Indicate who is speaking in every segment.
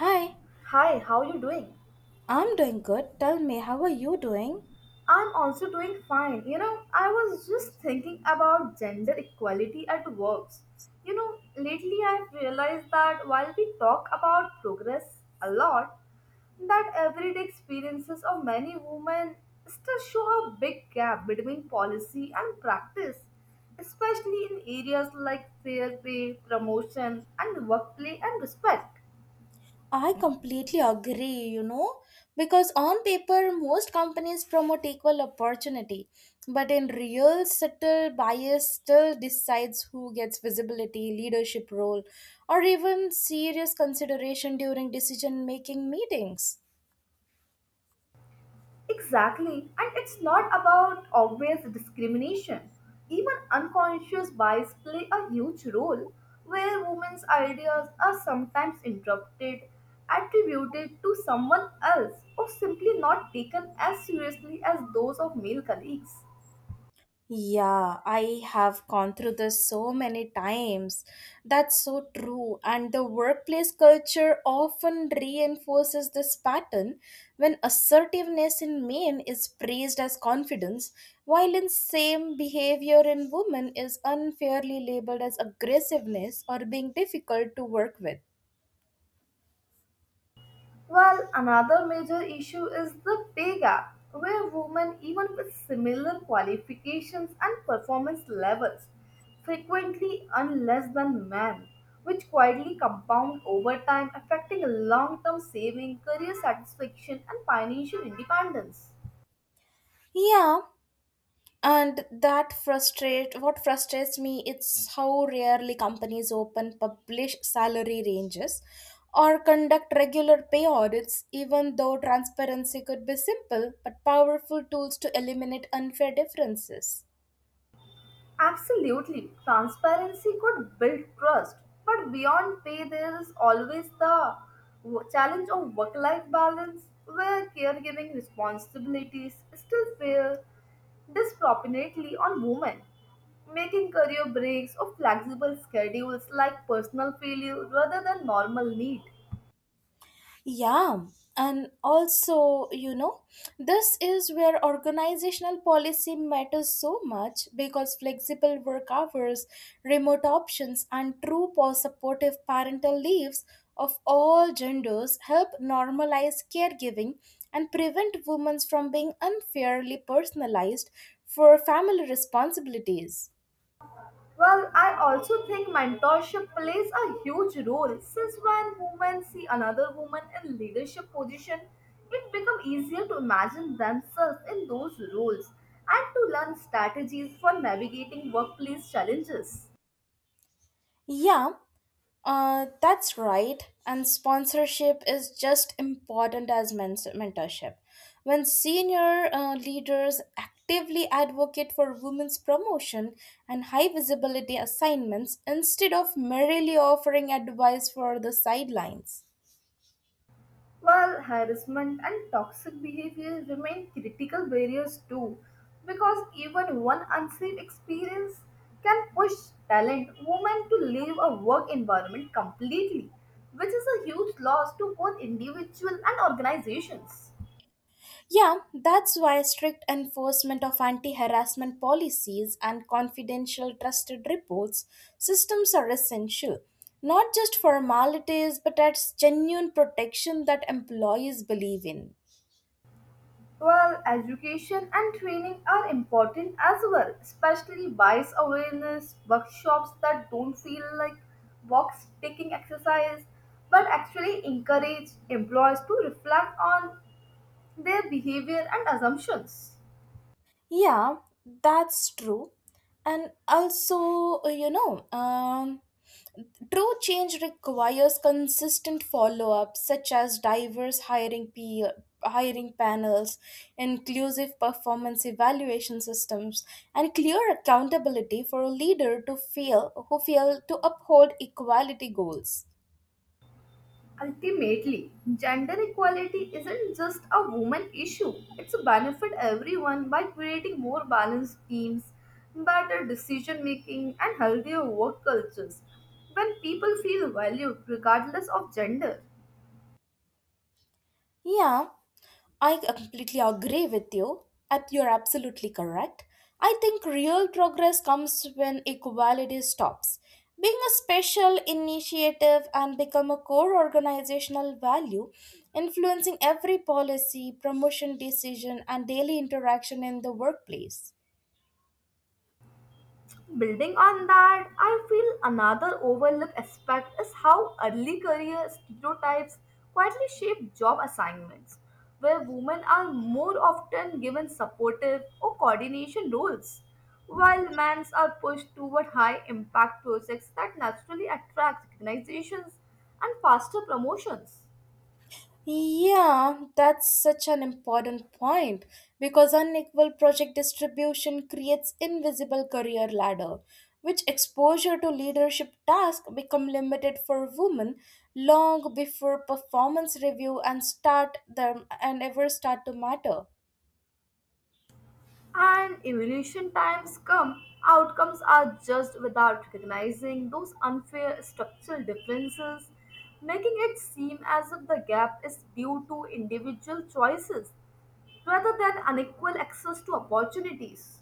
Speaker 1: Hi,
Speaker 2: Hi, how you doing?
Speaker 1: I'm doing good. Tell me, how are you doing?
Speaker 2: I'm also doing fine. You know, I was just thinking about gender equality at works. You know, lately I've realized that while we talk about progress a lot, that everyday experiences of many women still show a big gap between policy and practice, especially in areas like fair pay, promotion, and workplace and respect.
Speaker 1: I completely agree, because on paper, most companies promote equal opportunity, but in real, subtle bias still decides who gets visibility, leadership role, or even serious consideration during decision making meetings.
Speaker 2: Exactly. And it's not about obvious discrimination. Even unconscious bias play a huge role where women's ideas are sometimes interrupted, attributed to someone else, or simply not taken as seriously as those of male colleagues.
Speaker 1: Yeah, I have gone through this so many times. That's so true. And the workplace culture often reinforces this pattern when assertiveness in men is praised as confidence, while in same behavior in women is unfairly labeled as aggressiveness or being difficult to work with.
Speaker 2: Well, another major issue is the pay gap, where women, even with similar qualifications and performance levels, frequently earn less than men, which quietly compound over time, affecting long term saving, career satisfaction, and financial independence.
Speaker 1: Yeah, and that frustrate what frustrates me it's how rarely companies open publish salary ranges or conduct regular pay audits, even though transparency could be simple but powerful tools to eliminate unfair differences.
Speaker 2: Absolutely. Transparency could build trust, but beyond pay, there is always the challenge of work life balance where caregiving responsibilities still feel disproportionately on women. Making career breaks or flexible schedules like personal failure rather than normal need.
Speaker 1: Yeah, and also, this is where organizational policy matters so much because flexible work hours, remote options, and true or supportive parental leaves of all genders help normalize caregiving and prevent women from being unfairly personalized for family responsibilities.
Speaker 2: Well, I also think mentorship plays a huge role since when women see another woman in leadership position, it becomes easier to imagine themselves in those roles and to learn strategies for navigating workplace challenges.
Speaker 1: Yeah. That's right. And sponsorship is just important as mentorship. When senior leaders actively advocate for women's promotion and high visibility assignments instead of merely offering advice for the sidelines.
Speaker 2: While harassment and toxic behavior remain critical barriers too, because even one unsafe experience can push talent women to leave a work environment completely, which is a huge loss to both individual and organizations.
Speaker 1: Yeah, that's why strict enforcement of anti harassment policies and confidential trusted reports systems are essential, not just formalities but as genuine protection that employees believe in.
Speaker 2: Well, education and training are important as well, especially bias awareness, workshops that don't feel like box ticking exercise, but actually encourage employees to reflect on their behavior and assumptions.
Speaker 1: Yeah, that's true. And also, true change requires consistent follow up, such as diverse hiring, hiring panels, inclusive performance evaluation systems, and clear accountability for a leader who fail to uphold equality goals.
Speaker 2: Ultimately, gender equality isn't just a woman issue. It's a benefit everyone by creating more balanced teams, better decision making, and healthier work cultures when people feel valued regardless of gender.
Speaker 1: Yeah, I completely agree with you. You're absolutely correct. I think real progress comes when equality stops being a special initiative and become a core organizational value, influencing every policy, promotion decision, and daily interaction in the workplace.
Speaker 2: Building on that, I feel another overlooked aspect is how early career stereotypes quietly shape job assignments, where women are more often given supportive or coordination roles, while men are pushed toward high impact projects that naturally attract recognitions and faster promotions.
Speaker 1: Yeah, that's such an important point because unequal project distribution creates invisible career ladder, which exposure to leadership tasks become limited for women long before performance review and ever start to matter.
Speaker 2: And evolution times come, outcomes are judged without recognizing those unfair structural differences, making it seem as if the gap is due to individual choices rather than unequal access to opportunities.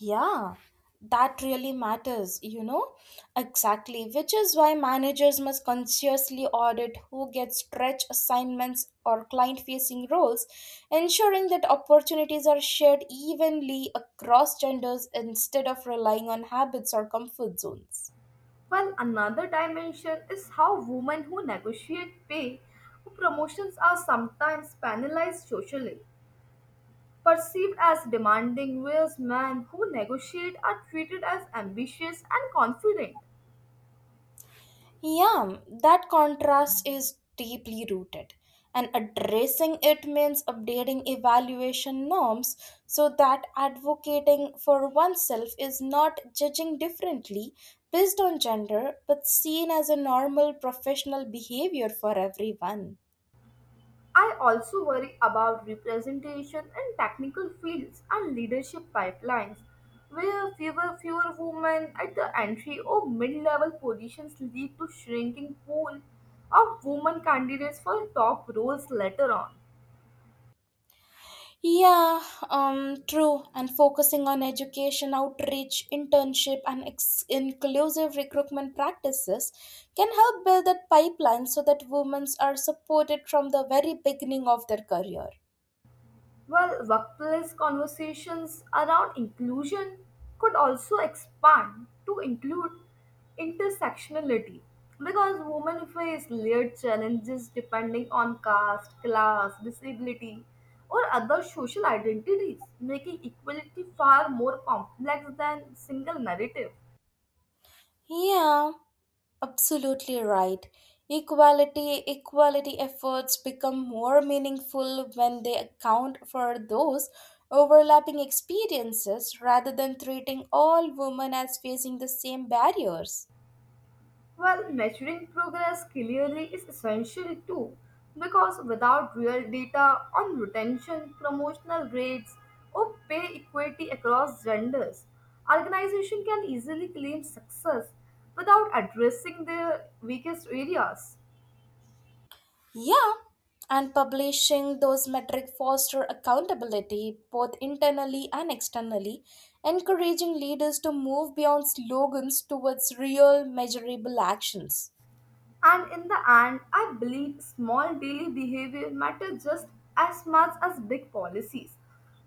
Speaker 1: Yeah, that really matters, you know? Exactly, which is why managers must consciously audit who gets stretch assignments or client facing roles, ensuring that opportunities are shared evenly across genders instead of relying on habits or comfort zones.
Speaker 2: While another dimension is how women who negotiate pay or promotions are sometimes penalized socially, perceived as demanding, whereas men who negotiate are treated as ambitious and confident.
Speaker 1: Yeah, that contrast is deeply rooted, and addressing it means updating evaluation norms so that advocating for oneself is not judging differently based on gender but seen as a normal professional behavior for everyone.
Speaker 2: I also worry about representation in technical fields and leadership pipelines, where fewer women at the entry or mid-level positions lead to shrinking pool of women candidates for top roles later on.
Speaker 1: Yeah, true. And focusing on education, outreach, internship, and inclusive recruitment practices can help build that pipeline so that women are supported from the very beginning of their career.
Speaker 2: Well, workplace conversations around inclusion could also expand to include intersectionality because women face layered challenges depending on caste, class, disability, or other social identities, making equality far more complex than single narrative.
Speaker 1: Yeah, absolutely right. Equality efforts become more meaningful when they account for those overlapping experiences rather than treating all women as facing the same barriers.
Speaker 2: Well, measuring progress clearly is essential too, because without real data on retention, promotional rates, or pay equity across genders, organizations can easily claim success without addressing their weakest areas.
Speaker 1: Yeah, and publishing those metrics foster accountability both internally and externally, encouraging leaders to move beyond slogans towards real measurable actions.
Speaker 2: And in the end, I believe small daily behavior matter just as much as big policies.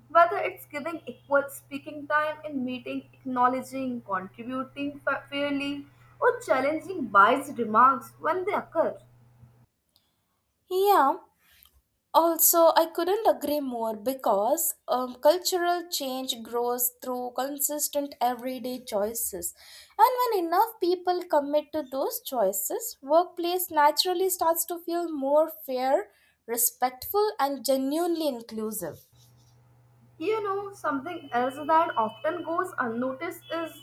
Speaker 2: Whether it's giving equal speaking time in meeting, acknowledging, contributing fairly, or challenging biased remarks when they occur.
Speaker 1: Yeah. Also, I couldn't agree more because cultural change grows through consistent everyday choices. And when enough people commit to those choices, workplace naturally starts to feel more fair, respectful, and genuinely inclusive.
Speaker 2: You know, something else that often goes unnoticed is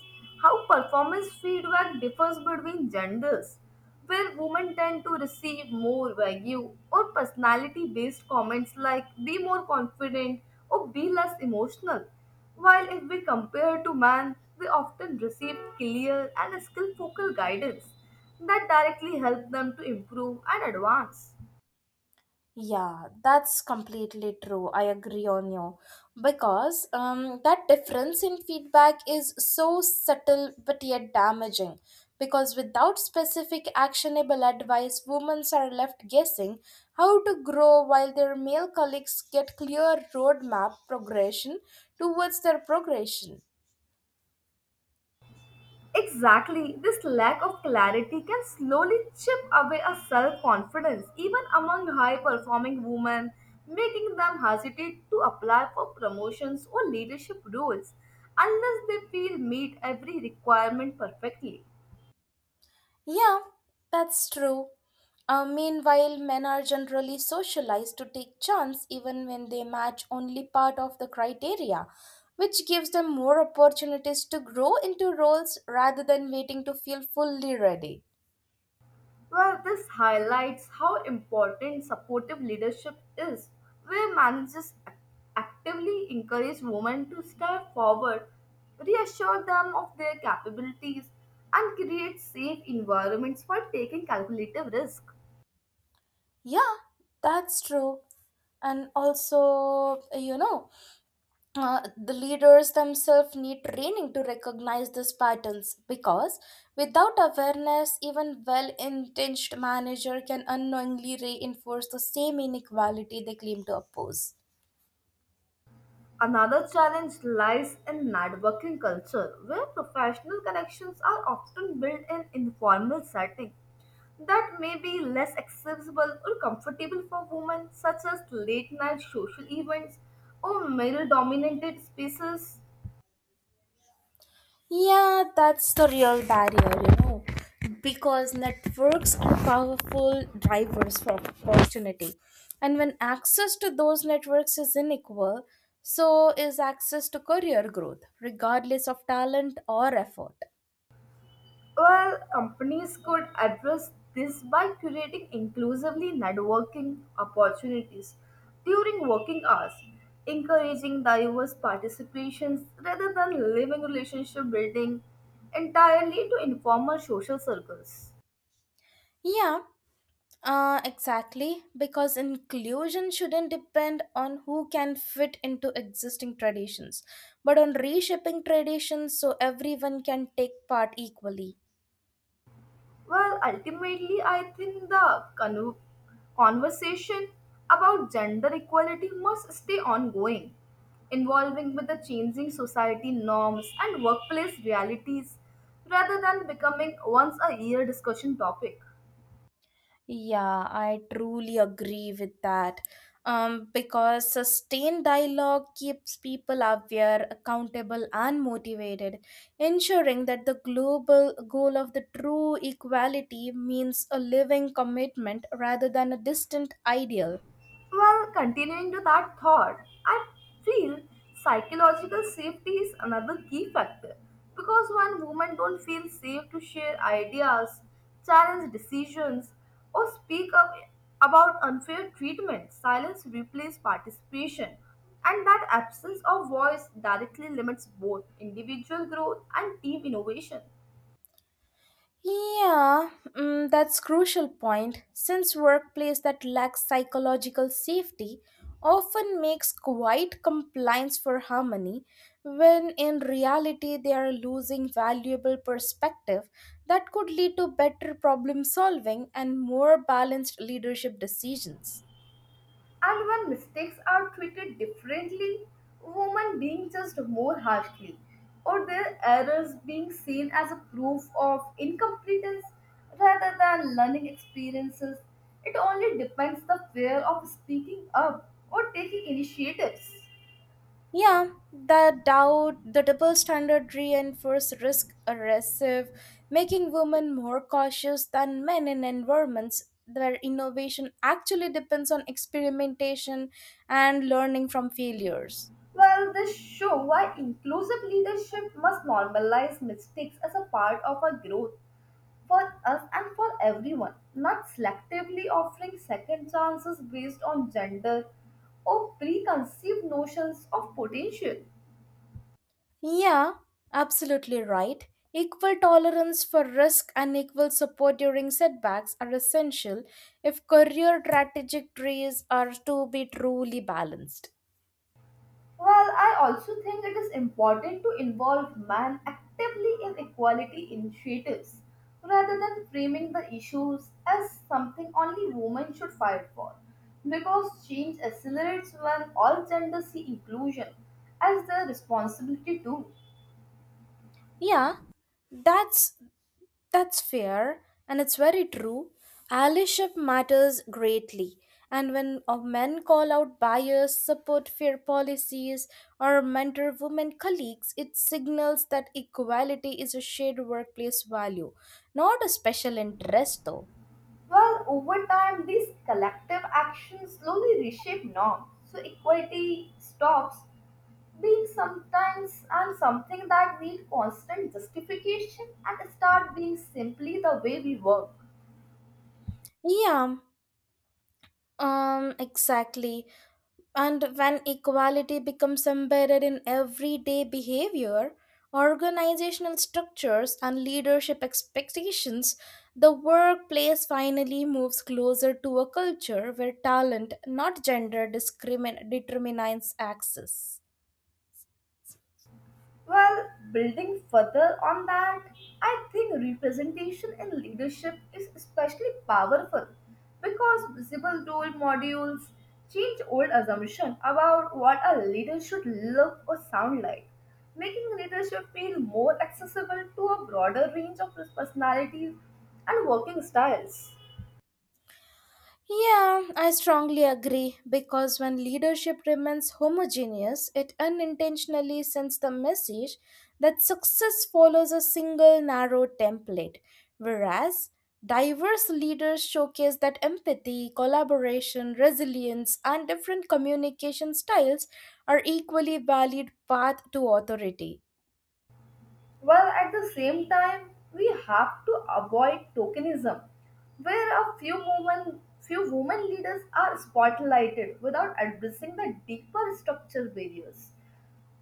Speaker 2: how performance feedback differs between genders, where women tend to receive more vague or personality based comments like be more confident or be less emotional, while if we compare to men, they often receive clear and skill focused guidance that directly help them to improve and advance.
Speaker 1: Yeah, that's completely true. I agree on you because that difference in feedback is so subtle but yet damaging. Because without specific actionable advice, women are left guessing how to grow while their male colleagues get clear roadmap progression towards their progression.
Speaker 2: Exactly, this lack of clarity can slowly chip away a self confidence, even among high performing women, making them hesitate to apply for promotions or leadership roles unless they feel meet every requirement perfectly.
Speaker 1: Yeah, that's true. Meanwhile, men are generally socialized to take chance even when they match only part of the criteria, which gives them more opportunities to grow into roles rather than waiting to feel fully ready.
Speaker 2: Well, this highlights how important supportive leadership is, where managers actively encourage women to step forward, reassure them of their capabilities, and create safe environments for taking calculative risk.
Speaker 1: Yeah, that's true. And also, uh, the leaders themselves need training to recognize these patterns because without awareness, even well-intentioned manager can unknowingly reinforce the same inequality they claim to oppose.
Speaker 2: Another challenge lies in networking culture, where professional connections are often built in informal settings that may be less accessible or comfortable for women, such as late night social events or male dominated spaces.
Speaker 1: Yeah, that's the real barrier, you know, because networks are powerful drivers for opportunity, and when access to those networks is unequal, so is access to career growth regardless of talent or effort.
Speaker 2: Well, companies could address this by creating inclusively networking opportunities during working hours, encouraging diverse participations rather than leaving relationship building entirely to informal social circles.
Speaker 1: Yeah. Exactly, because inclusion shouldn't depend on who can fit into existing traditions, but on reshaping traditions so everyone can take part equally.
Speaker 2: Well, ultimately, I think the conversation about gender equality must stay ongoing, involving with the changing society norms and workplace realities rather than becoming once a year discussion topic.
Speaker 1: Yeah, I truly agree with that. Because sustained dialogue keeps people aware, accountable, and motivated, ensuring that the global goal of the true equality means a living commitment rather than a distant ideal.
Speaker 2: Well, continuing to that thought, I feel psychological safety is another key factor because when women don't feel safe to share ideas, challenge decisions, or speak up about unfair treatment, silence replaces participation, and that absence of voice directly limits both individual growth and team innovation.
Speaker 1: Yeah, that's crucial point. Since workplace that lacks psychological safety often makes quiet compliance for harmony, when in reality they are losing valuable perspective that could lead to better problem solving and more balanced leadership decisions.
Speaker 2: And when mistakes are treated differently, women being judged more harshly, or their errors being seen as a proof of incompetence rather than learning experiences, it only depends the fear of speaking up or taking initiatives.
Speaker 1: Yeah, the double standard reinforce risk aggressive, making women more cautious than men in environments where innovation actually depends on experimentation and learning from failures.
Speaker 2: Well, this show why inclusive leadership must normalize mistakes as a part of our growth for us and for everyone, not selectively offering second chances based on gender or preconceived notions of potential.
Speaker 1: Yeah, absolutely right. Equal tolerance for risk and equal support during setbacks are essential if career trajectories are to be truly balanced.
Speaker 2: Well, I also think it is important to involve men actively in equality initiatives rather than framing the issues as something only women should fight for. Because change accelerates when all genders see inclusion as their responsibility too.
Speaker 1: Yeah, that's that's fair, and it's very true. Allyship matters greatly. And when men call out bias, support fair policies, or mentor women colleagues, it signals that equality is a shared workplace value, not a special interest, though.
Speaker 2: Well, over time, these collective actions slowly reshape norms. So equality stops being sometimes and something that needs constant justification and start being simply the way we work.
Speaker 1: Yeah, exactly. And when equality becomes embedded in everyday behavior, organizational structures, and leadership expectations, the workplace finally moves closer to a culture where talent, not gender, determines access.
Speaker 2: Well, building further on that, I think representation in leadership is especially powerful because visible role models change old assumption about what a leader should look or sound like, making leadership feel more accessible to a broader range of personalities and working styles.
Speaker 1: Yeah, I strongly agree because when leadership remains homogeneous, it unintentionally sends the message that success follows a single narrow template, whereas diverse leaders showcase that empathy, collaboration, resilience, and different communication styles are equally valid path to authority.
Speaker 2: While at the same time, we have to avoid tokenism, where a few women leaders are spotlighted without addressing the deeper structural barriers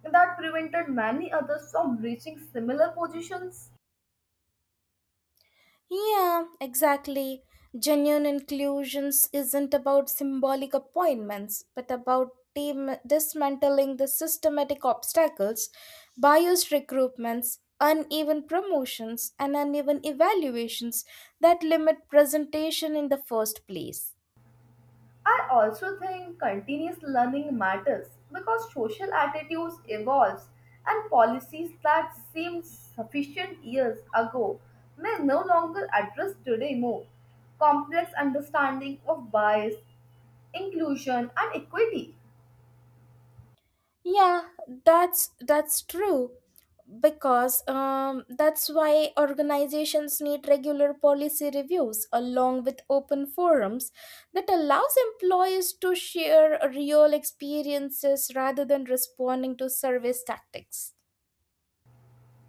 Speaker 2: that prevented many others from reaching similar positions.
Speaker 1: Yeah, exactly. Genuine inclusions isn't about symbolic appointments, but about dismantling the systematic obstacles, biased recruitments, uneven promotions, and uneven evaluations that limit presentation in the first place.
Speaker 2: I also think continuous learning matters because social attitudes evolves and policies that seemed sufficient years ago may no longer address today more complex understanding of bias, inclusion and equity.
Speaker 1: Yeah, that's true because that's why organizations need regular policy reviews along with open forums that allows employees to share real experiences rather than responding to service tactics.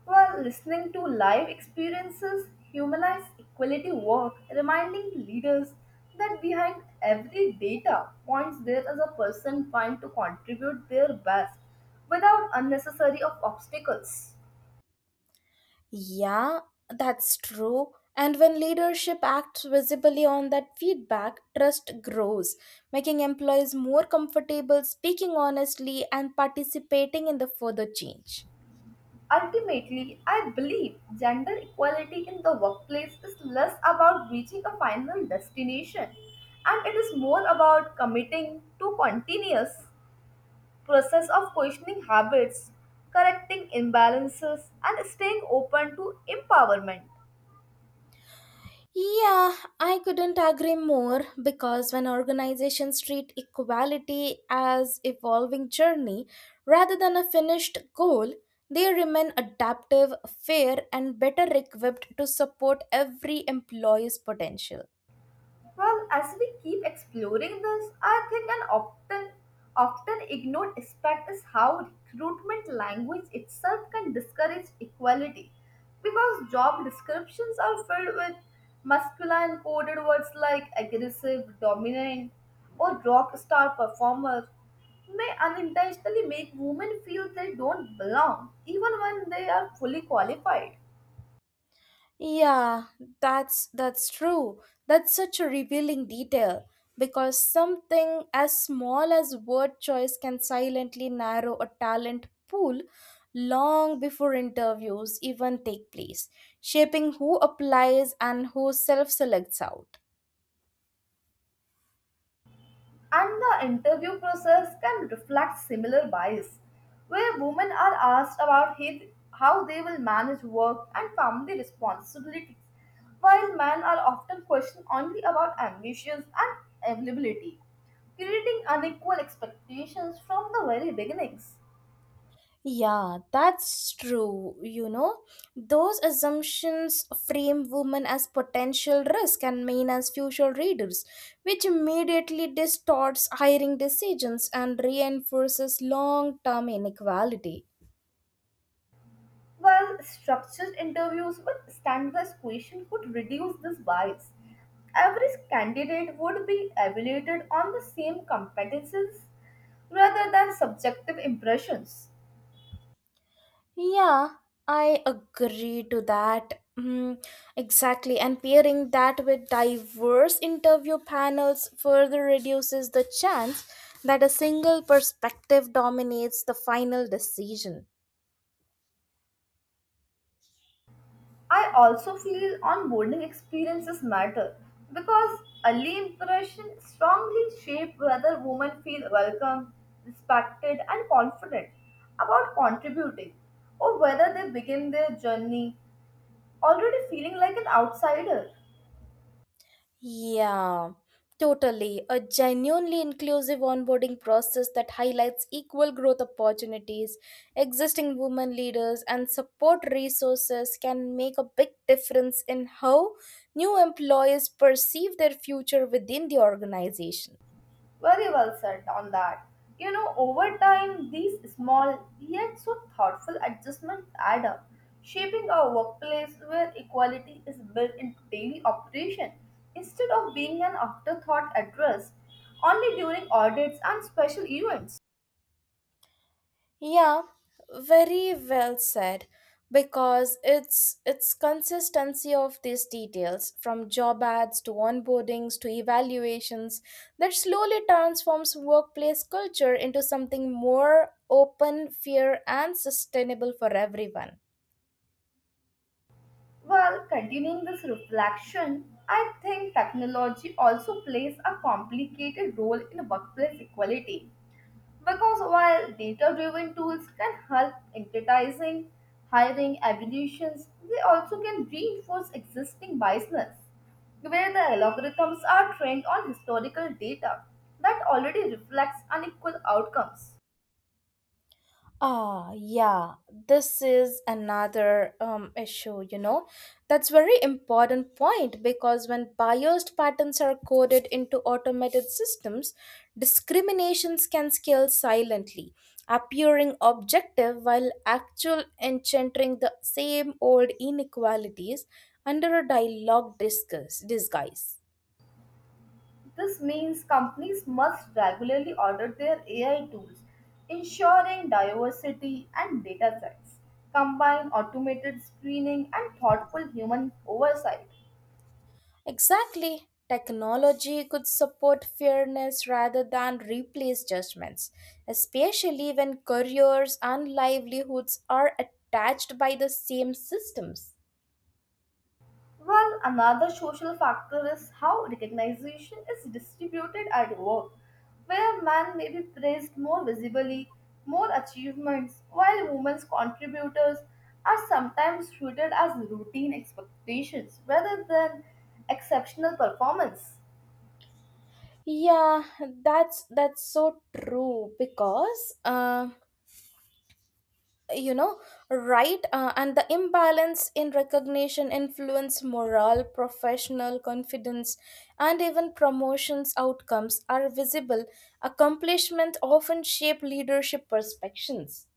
Speaker 2: While listening to live experiences humanize equality work, reminding leaders that behind every data points there is a person trying to contribute their best without unnecessary of obstacles.
Speaker 1: Yeah, that's true. And when leadership acts visibly on that feedback, trust grows, making employees more comfortable speaking honestly and participating in the further change.
Speaker 2: Ultimately, I believe gender equality in the workplace is less about reaching a final destination and it is more about committing to continuous process of questioning habits, correcting imbalances, and staying open to empowerment.
Speaker 1: Yeah, I couldn't agree more because when organizations treat equality as evolving journey rather than a finished goal, they remain adaptive, fair and better equipped to support every employee's potential.
Speaker 2: Well, as we keep exploring this, I think an often ignored aspect is how recruitment language itself can discourage equality because job descriptions are filled with masculine coded words like aggressive, dominant, or rock star performer may unintentionally make women feel they don't belong even when they are fully qualified.
Speaker 1: Yeah, that's true. That's such a revealing detail because something as small as word choice can silently narrow a talent pool long before interviews even take place, shaping who applies and who self-selects out.
Speaker 2: And the interview process can reflect similar bias, where women are asked about how they will manage work and family responsibilities, while men are often questioned only about ambitions and availability, creating unequal expectations from the very beginnings.
Speaker 1: Yeah, that's true. You know, those assumptions frame women as potential risk and men as future readers, which immediately distorts hiring decisions and reinforces long term inequality.
Speaker 2: Well, structured interviews with standardized questions could reduce this bias. Every candidate would be evaluated on the same competences rather than subjective impressions.
Speaker 1: Yeah, I agree to that. Exactly. And pairing that with diverse interview panels further reduces the chance that a single perspective dominates the final decision.
Speaker 2: I also feel onboarding experiences matter because early impressions strongly shape whether women feel welcome, respected, and confident about contributing, or whether they begin their journey already feeling like an outsider.
Speaker 1: Yeah, totally. A genuinely inclusive onboarding process that highlights equal growth opportunities, existing women leaders, and support resources can make a big difference in how new employees perceive their future within the organization.
Speaker 2: Very well said on that. You know, over time, these small yet so thoughtful adjustments add up, shaping a workplace where equality is built into daily operation instead of being an afterthought addressed only during audits and special events.
Speaker 1: Yeah, very well said because it's consistency of these details from job ads to onboardings to evaluations that slowly transforms workplace culture into something more open, fair and sustainable for everyone.
Speaker 2: While continuing this reflection, I think technology also plays a complicated role in workplace equality because while data driven tools can help in prioritizing, hiring evaluations, they also can reinforce existing biases, where the algorithms are trained on historical data that already reflects unequal outcomes.
Speaker 1: Yeah, this is another issue, you know. That's very important point because when biased patterns are coded into automated systems, discriminations can scale silently, appearing objective while actual encountering the same old inequalities under a disguise.
Speaker 2: This means companies must regularly audit their AI tools, ensuring diversity and data sets, combine automated screening and thoughtful human oversight.
Speaker 1: Exactly. Technology could support fairness rather than replace judgments, especially when careers and livelihoods are attached by the same systems.
Speaker 2: Well, another social factor is how recognition is distributed at work, where men may be praised more visibly, more achievements, while women's contributors are sometimes treated as routine expectations rather than exceptional performance.
Speaker 1: Yeah, that's so true because you know right and the imbalance in recognition influence morale, professional confidence, and even promotions outcomes are visible. Accomplishment often shape leadership perceptions.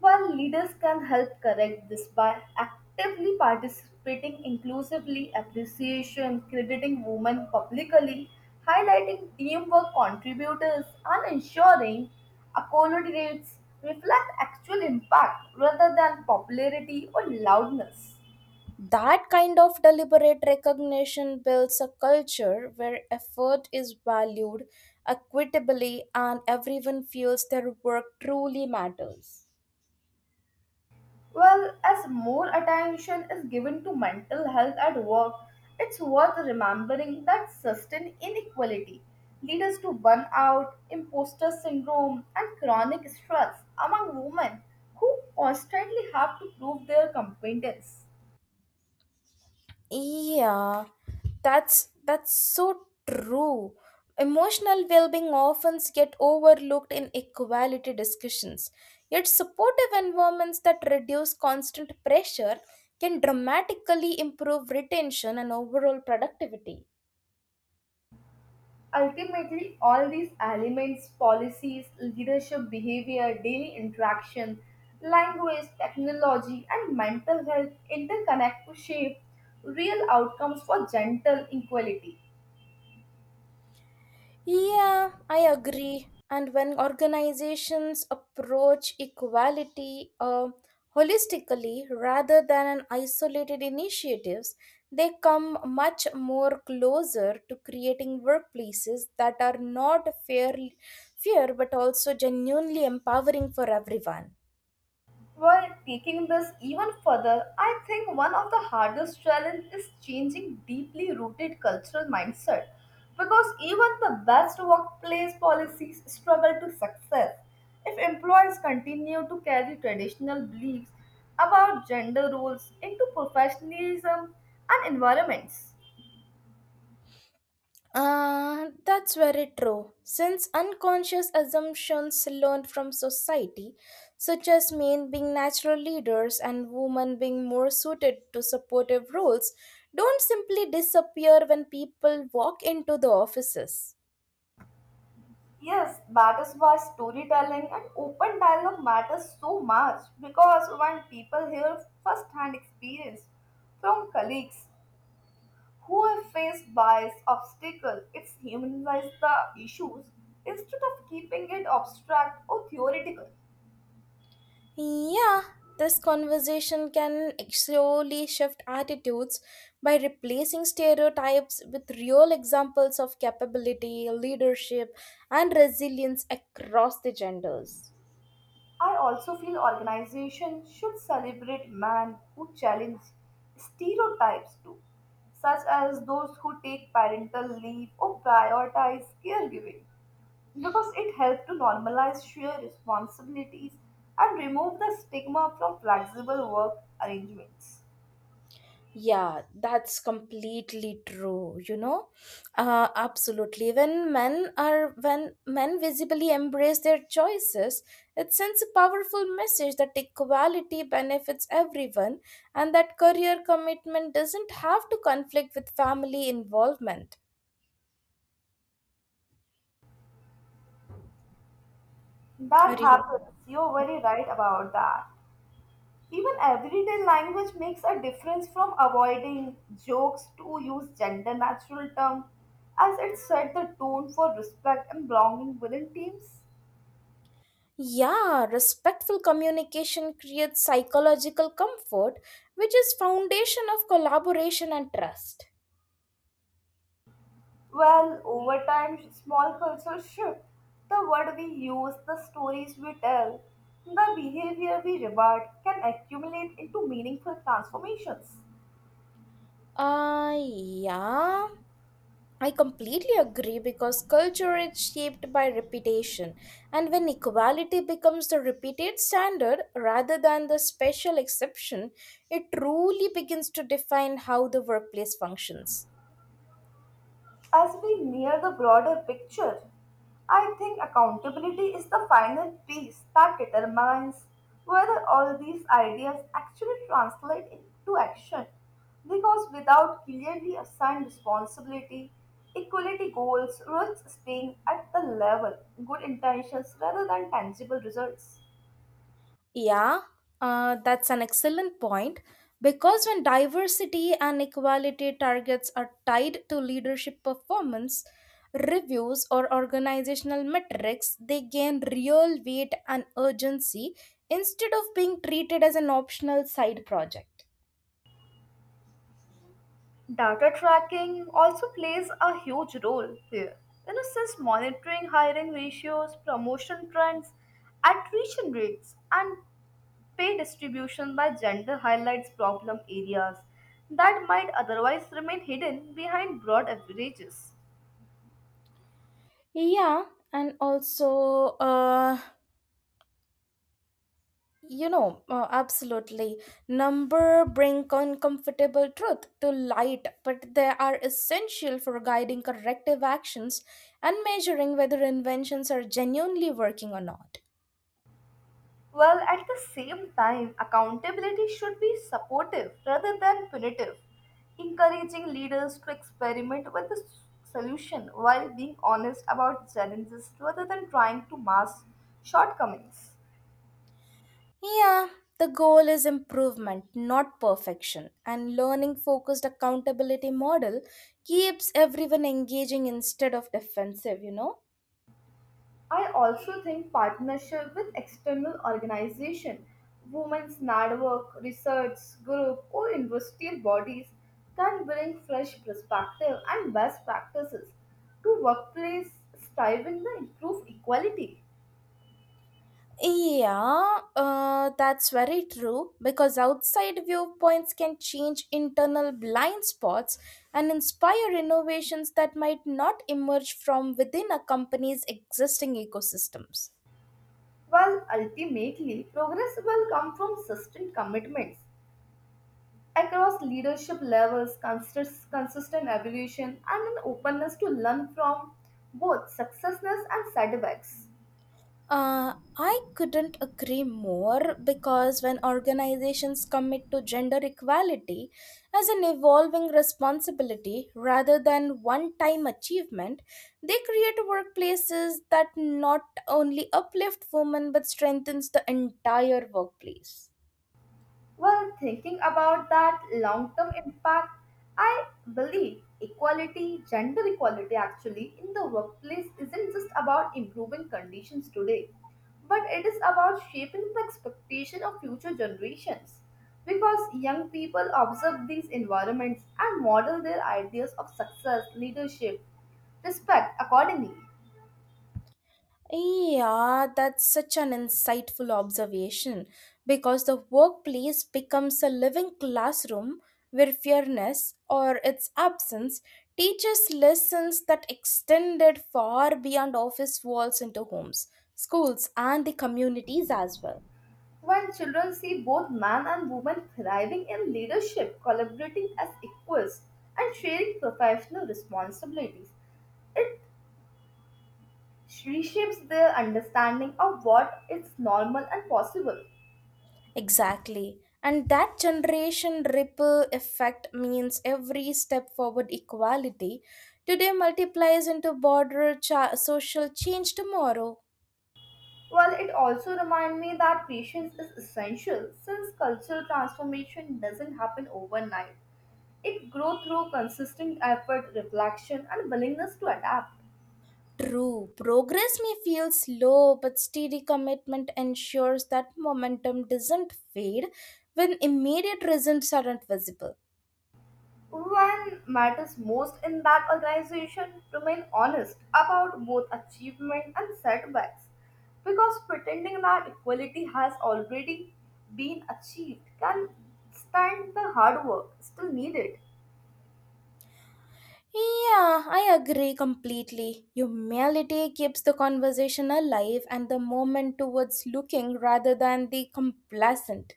Speaker 2: While leaders can help correct this by actively participating inclusively, appreciation, crediting women publicly, highlighting teamwork contributors, and ensuring accolades reflect actual impact rather than popularity or loudness.
Speaker 1: That kind of deliberate recognition builds a culture where effort is valued equitably and everyone feels their work truly matters.
Speaker 2: Well, as more attention is given to mental health at work, it's worth remembering that sustained inequality leads to burnout, imposter syndrome, and chronic stress among women who constantly have to prove their competence.
Speaker 1: Yeah, that's so true. Emotional well-being often get overlooked in equality discussions. Yet supportive environments that reduce constant pressure can dramatically improve retention and overall productivity.
Speaker 2: Ultimately, all these elements policies, leadership behavior, daily interaction, language, technology, and mental health interconnect to shape real outcomes for gentle equality.
Speaker 1: Yeah, I agree. And when organizations approach equality holistically rather than an isolated initiatives, they come much more closer to creating workplaces that are not fair but also genuinely empowering for everyone.
Speaker 2: While taking this even further, I think one of the hardest challenges is changing deeply rooted cultural mindset because even the best workplace policies struggle to success if employees continue to carry traditional beliefs about gender roles into professionalism and environments.
Speaker 1: Ah, that's very true. Since unconscious assumptions learned from society, such as men being natural leaders and women being more suited to supportive roles, don't simply disappear when people walk into the offices.
Speaker 2: Yes, that is why storytelling and open dialogue matters so much because when people hear first-hand experience from colleagues who face bias obstacle it's humanize the issues instead of keeping it abstract or theoretical.
Speaker 1: Yeah, this conversation can slowly shift attitudes by replacing stereotypes with real examples of capability, leadership, and resilience across the genders.
Speaker 2: I also feel organizations should celebrate men who challenge stereotypes too, such as those who take parental leave or prioritize caregiving because it helps to normalize shared responsibilities and remove the stigma from flexible work arrangements.
Speaker 1: Yeah, that's completely true, you know? Absolutely. When men visibly embrace their choices, it sends a powerful message that equality benefits everyone and that career commitment doesn't have to conflict with family involvement. Are
Speaker 2: That
Speaker 1: you?
Speaker 2: happens, you're very right about that. Even everyday language makes a difference, from avoiding jokes to use gender natural term, as it set the tone for respect and belonging within teams.
Speaker 1: Yeah, respectful communication creates psychological comfort, which is foundation of collaboration and trust.
Speaker 2: Well, over time, small cultural shift, the word we use, the stories we tell, the behavior we reward can accumulate into meaningful transformations.
Speaker 1: Yeah. I completely agree because culture is shaped by reputation, and when equality becomes the repeated standard rather than the special exception, it truly begins to define how the workplace functions.
Speaker 2: As we near the broader picture, I think accountability is the final piece that determines whether all these ideas actually translate into action. Because without clearly assigned responsibility, equality goals risks staying at the level good intentions rather than tangible results.
Speaker 1: Yeah, that's an excellent point. Because when diversity and equality targets are tied to leadership performance, reviews, or organizational metrics, they gain real weight and urgency instead of being treated as an optional side project.
Speaker 2: Data tracking also plays a huge role here. You know, since monitoring hiring ratios, promotion trends, attrition rates, and pay distribution by gender highlights problem areas that might otherwise remain hidden behind broad averages.
Speaker 1: Yeah, and also, absolutely. Number bring uncomfortable truth to light, but they are essential for guiding corrective actions and measuring whether inventions are genuinely working or not.
Speaker 2: Well, at the same time, accountability should be supportive rather than punitive, encouraging leaders to experiment with the solution while being honest about challenges rather than trying to mask shortcomings.
Speaker 1: Yeah, the goal is improvement, not perfection, and learning focused accountability model keeps everyone engaging instead of defensive, you know?
Speaker 2: I also think partnership with external organization, women's network, research group, or industrial bodies can bring fresh perspective and best practices to workplace striving to improve equality.
Speaker 1: Yeah, that's very true because outside viewpoints can change internal blind spots and inspire innovations that might not emerge from within a company's existing ecosystems.
Speaker 2: While ultimately, progress will come from sustained commitments across leadership levels, consistent evolution, and an openness to learn from both successes and setbacks.
Speaker 1: Uh, I couldn't agree more because when organizations commit to gender equality as an evolving responsibility rather than one time achievement, they create workplaces that not only uplift women but strengthens the entire workplace.
Speaker 2: Well, thinking about that long term impact, I believe equality, gender equality actually, in the workplace isn't just about improving conditions today, but it is about shaping the expectation of future generations. Because young people observe these environments and model their ideas of success, leadership, respect accordingly.
Speaker 1: Yeah, that's such an insightful observation because the workplace becomes a living classroom where fairness or its absence teaches lessons that extended far beyond office walls into homes, schools, and the communities as well.
Speaker 2: When children see both man and woman thriving in leadership, collaborating as equals, and sharing professional responsibilities, it reshapes their understanding of what is normal and possible.
Speaker 1: Exactly. And that generation ripple effect means every step forward equality today multiplies into broader social change tomorrow.
Speaker 2: Well, it also reminds me that patience is essential since cultural transformation doesn't happen overnight. It grows through consistent effort, reflection, and willingness to adapt.
Speaker 1: True, progress may feel slow, but steady commitment ensures that momentum doesn't fade when immediate results aren't visible.
Speaker 2: One matters most in that organization remain honest about both achievement and setbacks because pretending that equality has already been achieved can stand the hard work still needed.
Speaker 1: Yeah, I agree completely. Humility keeps the conversation alive and the moment towards looking rather than the complacent.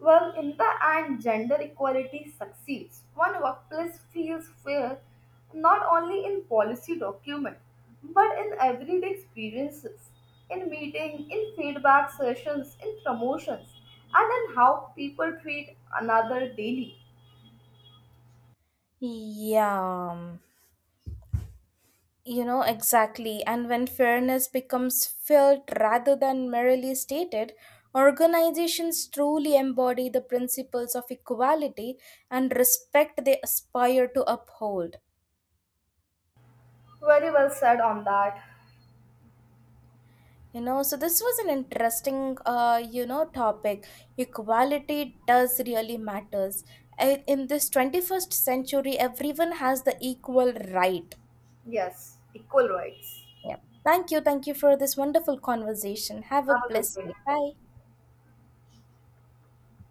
Speaker 2: Well, in the end, gender equality succeeds when workplace feels fair not only in policy document but in everyday experiences, in meeting, in feedback sessions, in promotions, and in how people treat another daily.
Speaker 1: Yeah. You know, exactly. And when fairness becomes felt rather than merely stated, organizations truly embody the principles of equality and respect they aspire to uphold.
Speaker 2: Very well said on that.
Speaker 1: You know, so this was an interesting, topic. Equality does really matters. In this 21st century, everyone has the equal right.
Speaker 2: Yes, equal rights.
Speaker 1: Yeah. Thank you. Thank you for this wonderful conversation. Have a
Speaker 2: Have a good
Speaker 1: blessed
Speaker 2: day.
Speaker 1: day. Bye.